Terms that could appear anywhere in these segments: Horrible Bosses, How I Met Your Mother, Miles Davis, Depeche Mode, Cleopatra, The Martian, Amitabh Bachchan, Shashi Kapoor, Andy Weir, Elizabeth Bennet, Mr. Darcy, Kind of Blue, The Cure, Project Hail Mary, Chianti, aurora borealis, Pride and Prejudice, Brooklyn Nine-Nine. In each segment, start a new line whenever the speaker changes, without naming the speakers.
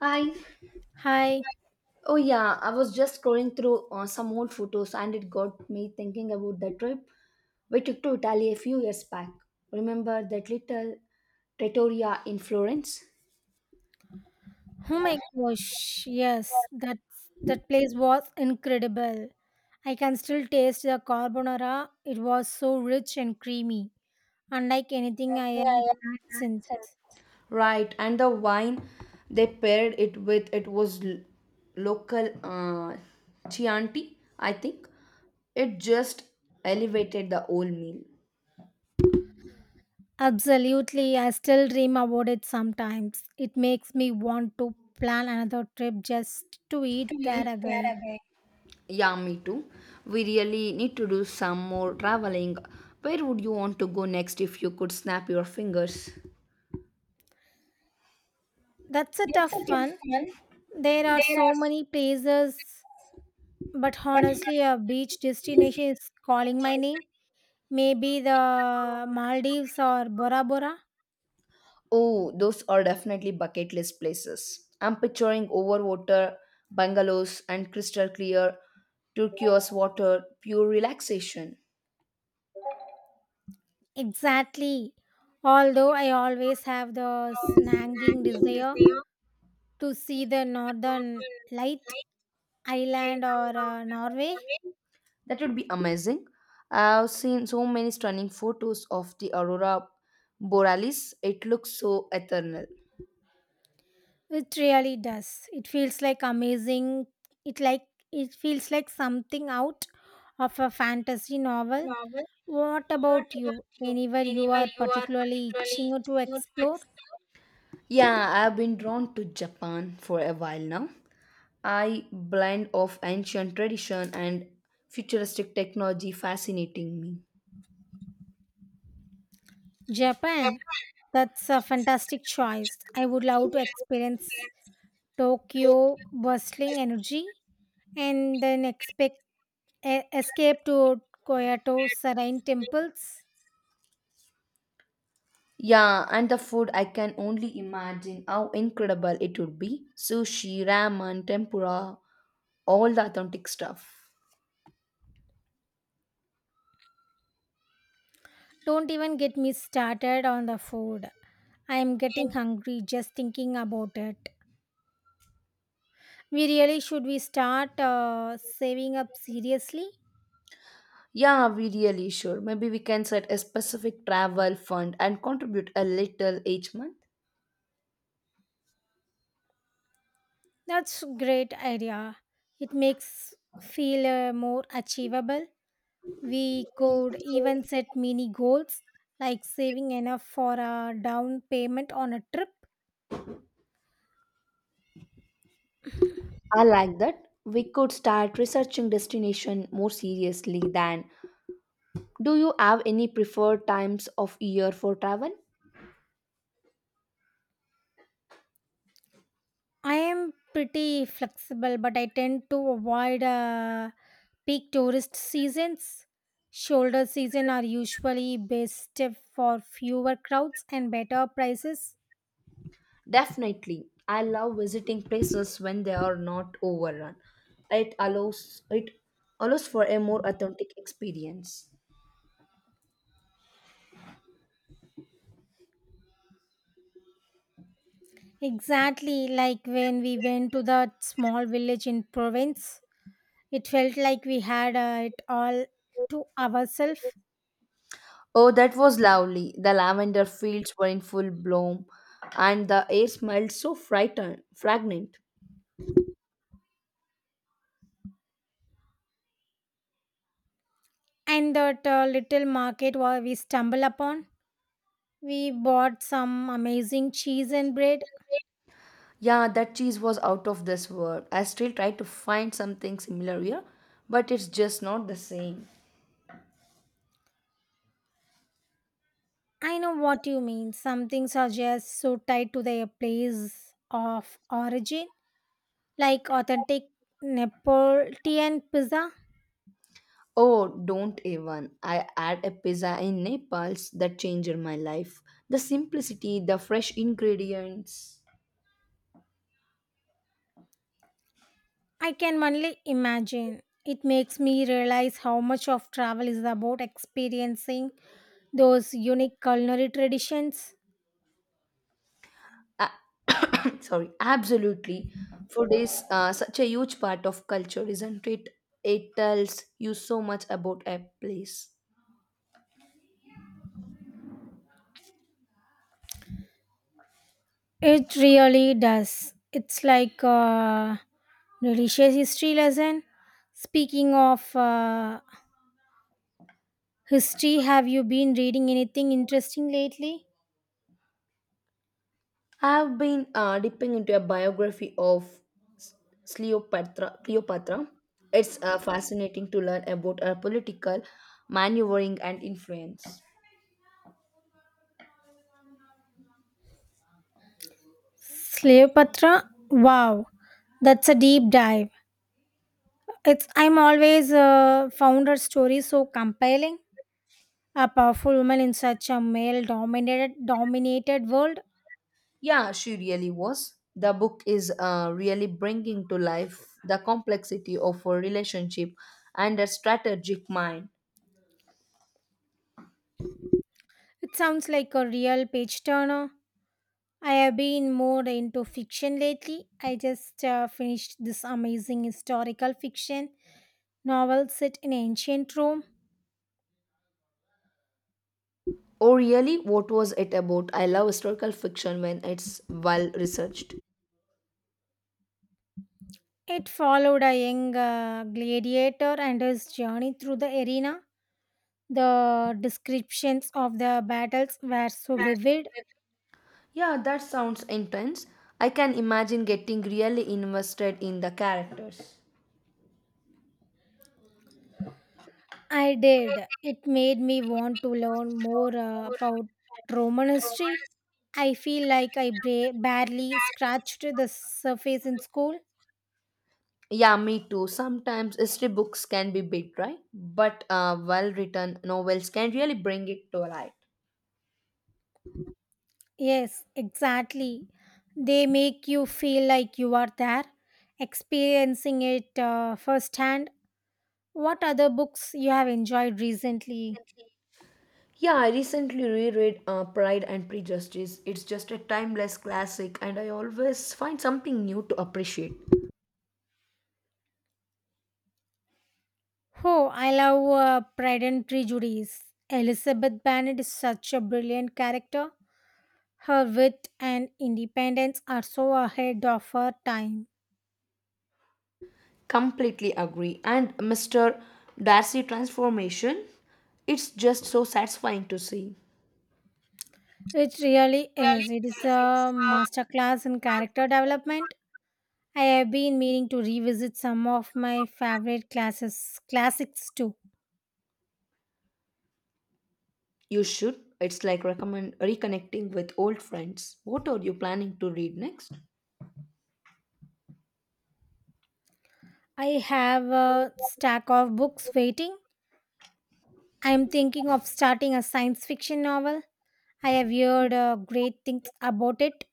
Hi.
Hi.
Oh yeah, I was just scrolling through some old photos, and it got me thinking about the trip we took to Italy a few years back. Remember that little trattoria in Florence?
Oh my gosh. Yes, that place was incredible. I can still taste the carbonara. It was so rich and creamy, unlike anything I have had since.
Right, and the wine they paired it with, it was local Chianti, I think. It just elevated the whole meal.
Absolutely, I still dream about it sometimes. It makes me want to plan another trip just to eat there again.
Yeah, me too. We really need to do some more traveling. Where would you want to go next if you could snap your fingers?
That's a tough one. There are so many places, but honestly, a beach destination is calling my name. Maybe the Maldives or Bora Bora?
Oh, those are definitely bucket list places. I'm picturing overwater bungalows and crystal clear turquoise water, pure relaxation.
Exactly. Although I always have the snagging desire to see the northern light island or Norway,
That would be amazing. I've seen so many stunning photos of the aurora borealis. It looks so eternal.
it really does. It feels like amazing. It like it feels like something out of a fantasy novel. What about you? Anywhere you are particularly itching to explore?
Yeah, I've been drawn to Japan for a while now. I blend of ancient tradition and futuristic technology fascinating me.
Japan. That's a fantastic choice. I would love to experience Tokyo bustling energy, and then expect escape to Kyoto serene temples.
Yeah, and the food, I can only imagine how incredible it would be. Sushi, ramen, tempura, all the authentic stuff.
Don't even get me started on the food. I am getting hungry just thinking about it. We really should we start saving up seriously?
Yeah, we really should. Maybe we can set a specific travel fund and contribute a little each month.
That's great idea. It makes feel more achievable. We could even set mini goals like saving enough for a down payment on a trip.
I like that. We could start researching destination more seriously than. Do you have any preferred times of year for travel?
I am pretty flexible, but I tend to avoid peak tourist seasons. Shoulder season are usually best for fewer crowds and better prices.
Definitely. I love visiting places when they are not overrun. It allows for a more authentic experience.
Exactly like when we went to that small village in Provence. It felt like we had it all to ourselves.
Oh, that was lovely. The lavender fields were in full bloom and the air smelled so frightened, fragrant.
And that little market where we stumble upon, we bought some amazing cheese and bread.
Yeah, that cheese was out of this world. I still try to find something similar here, but it's just not the same.
I know what you mean. Some things are just so tied to their place of origin, like authentic Neapolitan pizza.
Oh, don't even. I had a pizza in Naples that changed my life. The simplicity, the fresh ingredients.
I can only imagine. It makes me realize how much of travel is about experiencing those unique culinary traditions.
Ah, sorry, absolutely. Food is such a huge part of culture, isn't it? It tells you so much about a place.
It really does. It's like a delicious history lesson. Speaking of history, have you been reading anything interesting lately?
I've been dipping into a biography of S- Cleopatra. Cleopatra. It's fascinating to learn about her political maneuvering and influence.
Cleopatra? Wow, that's a deep dive. It's I'm always found her story so compelling. A powerful woman in such a male dominated world.
Yeah, she really was. The book is really bringing to life the complexity of a relationship and a strategic mind.
It sounds like a real page turner. I have been more into fiction lately. I just finished this amazing historical fiction novel set in ancient Rome.
Oh, really? What was it about? I love historical fiction when it's well researched.
It followed a young gladiator and his journey through the arena. The descriptions of the battles were so vivid.
Yeah, that sounds intense. I can imagine getting really invested in the characters.
I did. It made me want to learn more about Roman history. I feel like I barely scratched the surface in school.
Yeah, me too. Sometimes history books can be big, right? But well written novels can really bring it to life.
Yes, exactly. They make you feel like you are there, experiencing it firsthand. What other books you have enjoyed recently?
Yeah, I recently reread Pride and Prejudice. It's just a timeless classic, and I always find something new to appreciate.
Oh, I love Pride and Prejudice. Elizabeth Bennet is such a brilliant character. Her wit and independence are so ahead of her time.
Completely agree. And Mr. Darcy transformation, it's just so satisfying to see.
It really is. It is a masterclass in character development. I have been meaning to revisit some of my favorite classes, classics too.
You should. It's like recommend reconnecting with old friends. What are you planning to read next?
I have a stack of books waiting. I am thinking of starting a science fiction novel. I have heard great things about it.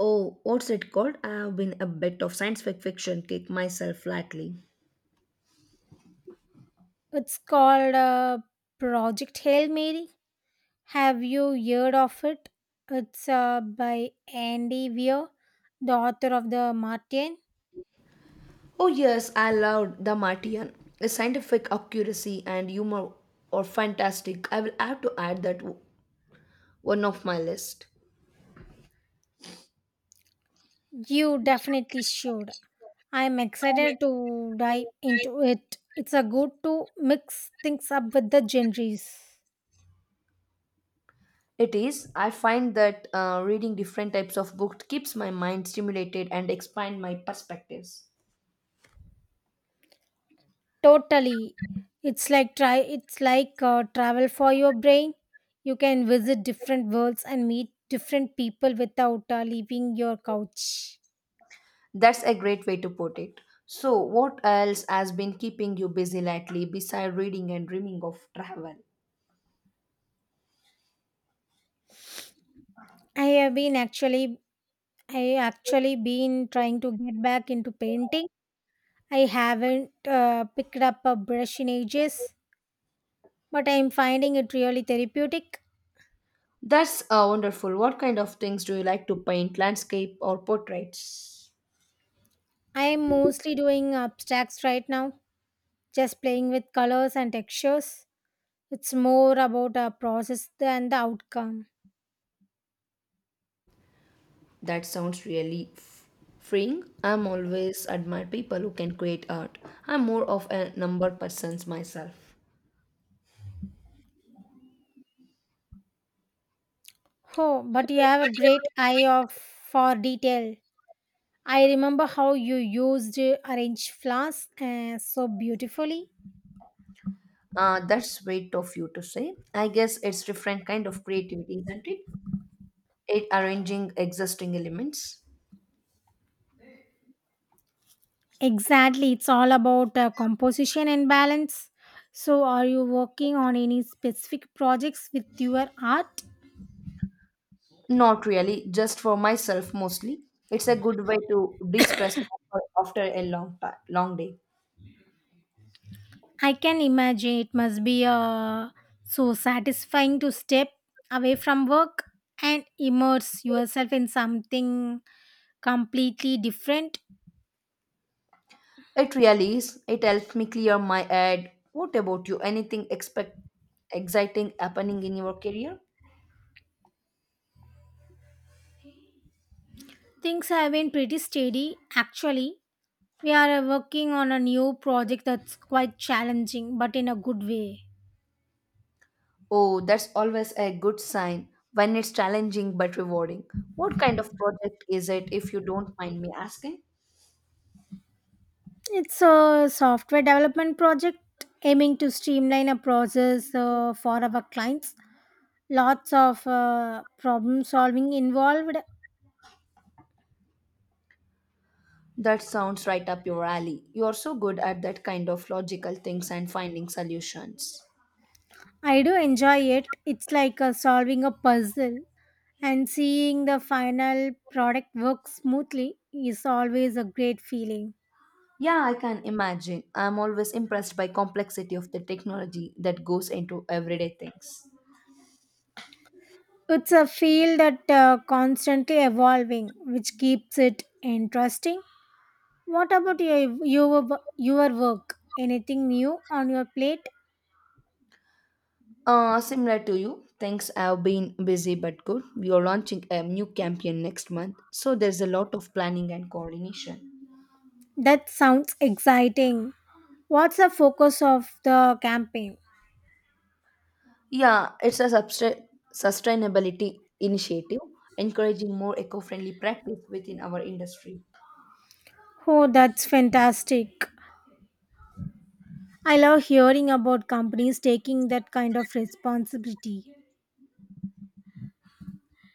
Oh, what's it called? I have been a bit of science fiction kick myself lately.
It's called Project Hail Mary. Have you heard of it? It's by Andy Weir, the author of The Martian.
Oh, yes, I loved The Martian. The scientific accuracy and humor are fantastic. I will have to add that one of my list.
You definitely should. I'm excited to dive into it. It's a good to mix things up with the genres.
It is. I find that reading different types of books keeps my mind stimulated and expand my perspectives.
Totally. It's like try it's like travel for your brain. You can visit different worlds and meet different people without leaving your couch.
That's a great way to put it. So, what else has been keeping you busy lately besides reading and dreaming of travel?
I have been actually I actually been trying to get back into painting. I haven't picked up a brush in ages, but I'm finding it really therapeutic.
That's wonderful. What kind of things do you like to paint? Landscape or portraits?
I'm mostly doing abstracts right now, just playing with colors and textures. It's more about a process than the outcome.
That sounds really freeing. I'm always admire people who can create art. I'm more of a number persons myself.
Oh, but you have a great eye of for detail. I remember how you used arrange flowers so beautifully.
That's sweet of you to say. I guess it's different kind of creativity, isn't it? It arranging existing elements.
Exactly. It's all about composition and balance. So, are you working on any specific projects with your art?
Not really, just for myself mostly. It's a good way to de-stress after a long time, long day.
I can imagine it must be so satisfying to step away from work and immerse yourself in something completely different.
It really is. It helps me clear my head. What about you? Anything expect exciting happening in your career?
Things have been pretty steady actually. We are working on a new project that's quite challenging but in a good way.
Oh, that's always a good sign when it's challenging but rewarding. What kind of project is it, if you don't mind me asking?
It's a software development project aiming to streamline a process for our clients. Lots of problem solving involved.
That sounds right up your alley. You're so good at that kind of logical things and finding solutions.
I do enjoy it. It's like solving a puzzle and seeing the final product work smoothly is always a great feeling.
Yeah, I can imagine. I'm always impressed by complexity of the technology that goes into everyday things.
It's a field that constantly evolving, which keeps it interesting. What about your work? Anything new on your plate?
Similar to you, things have been busy but good. We are launching a new campaign next month, so there's a lot of planning and coordination.
That sounds exciting. What's the focus of the campaign?
Yeah, it's a sustainability initiative encouraging more eco-friendly practice within our industry.
Oh, that's fantastic. I love hearing about companies taking that kind of responsibility.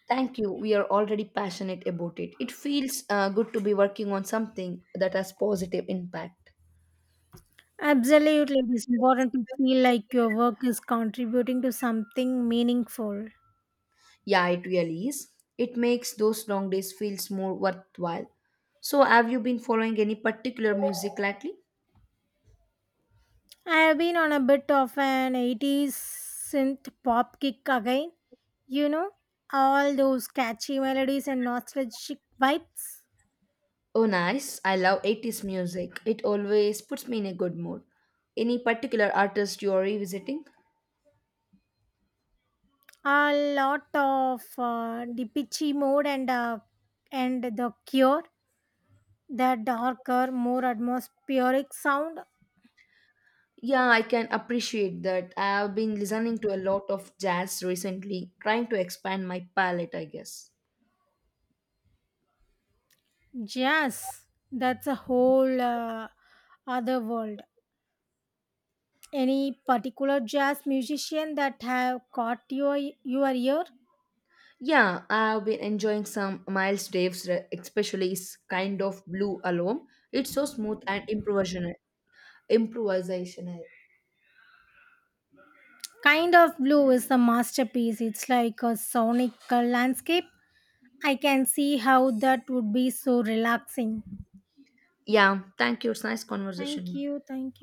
Thank you. We are already passionate about it. It feels good to be working on something that has positive impact.
Absolutely, it is important to feel like your work is contributing to something meaningful.
Yeah, it really is. It makes those long days feels more worthwhile. So, have you been following any particular music lately?
I have been on a bit of an 80s synth pop kick again. You know, all those catchy melodies and nostalgic vibes.
Oh, nice. I love 80s music. It always puts me in a good mood. Any particular artist you are revisiting?
A lot of Depeche Mode and and The Cure, the darker, more atmospheric sound.
Yeah, I can appreciate that. I've been listening to a lot of jazz recently, trying to expand my palette, I guess.
Jazz, that's a whole other world. Any particular jazz musician that have caught your ear?
Yeah, I've been enjoying some Miles Davis, especially his kind of blue album. It's so smooth and improvisational. Improvisational.
Kind of Blue is a masterpiece. It's like a sonic landscape. I can see how that would be so relaxing.
Yeah, thank you. It's nice
Thank
conversation.
you. Thank you.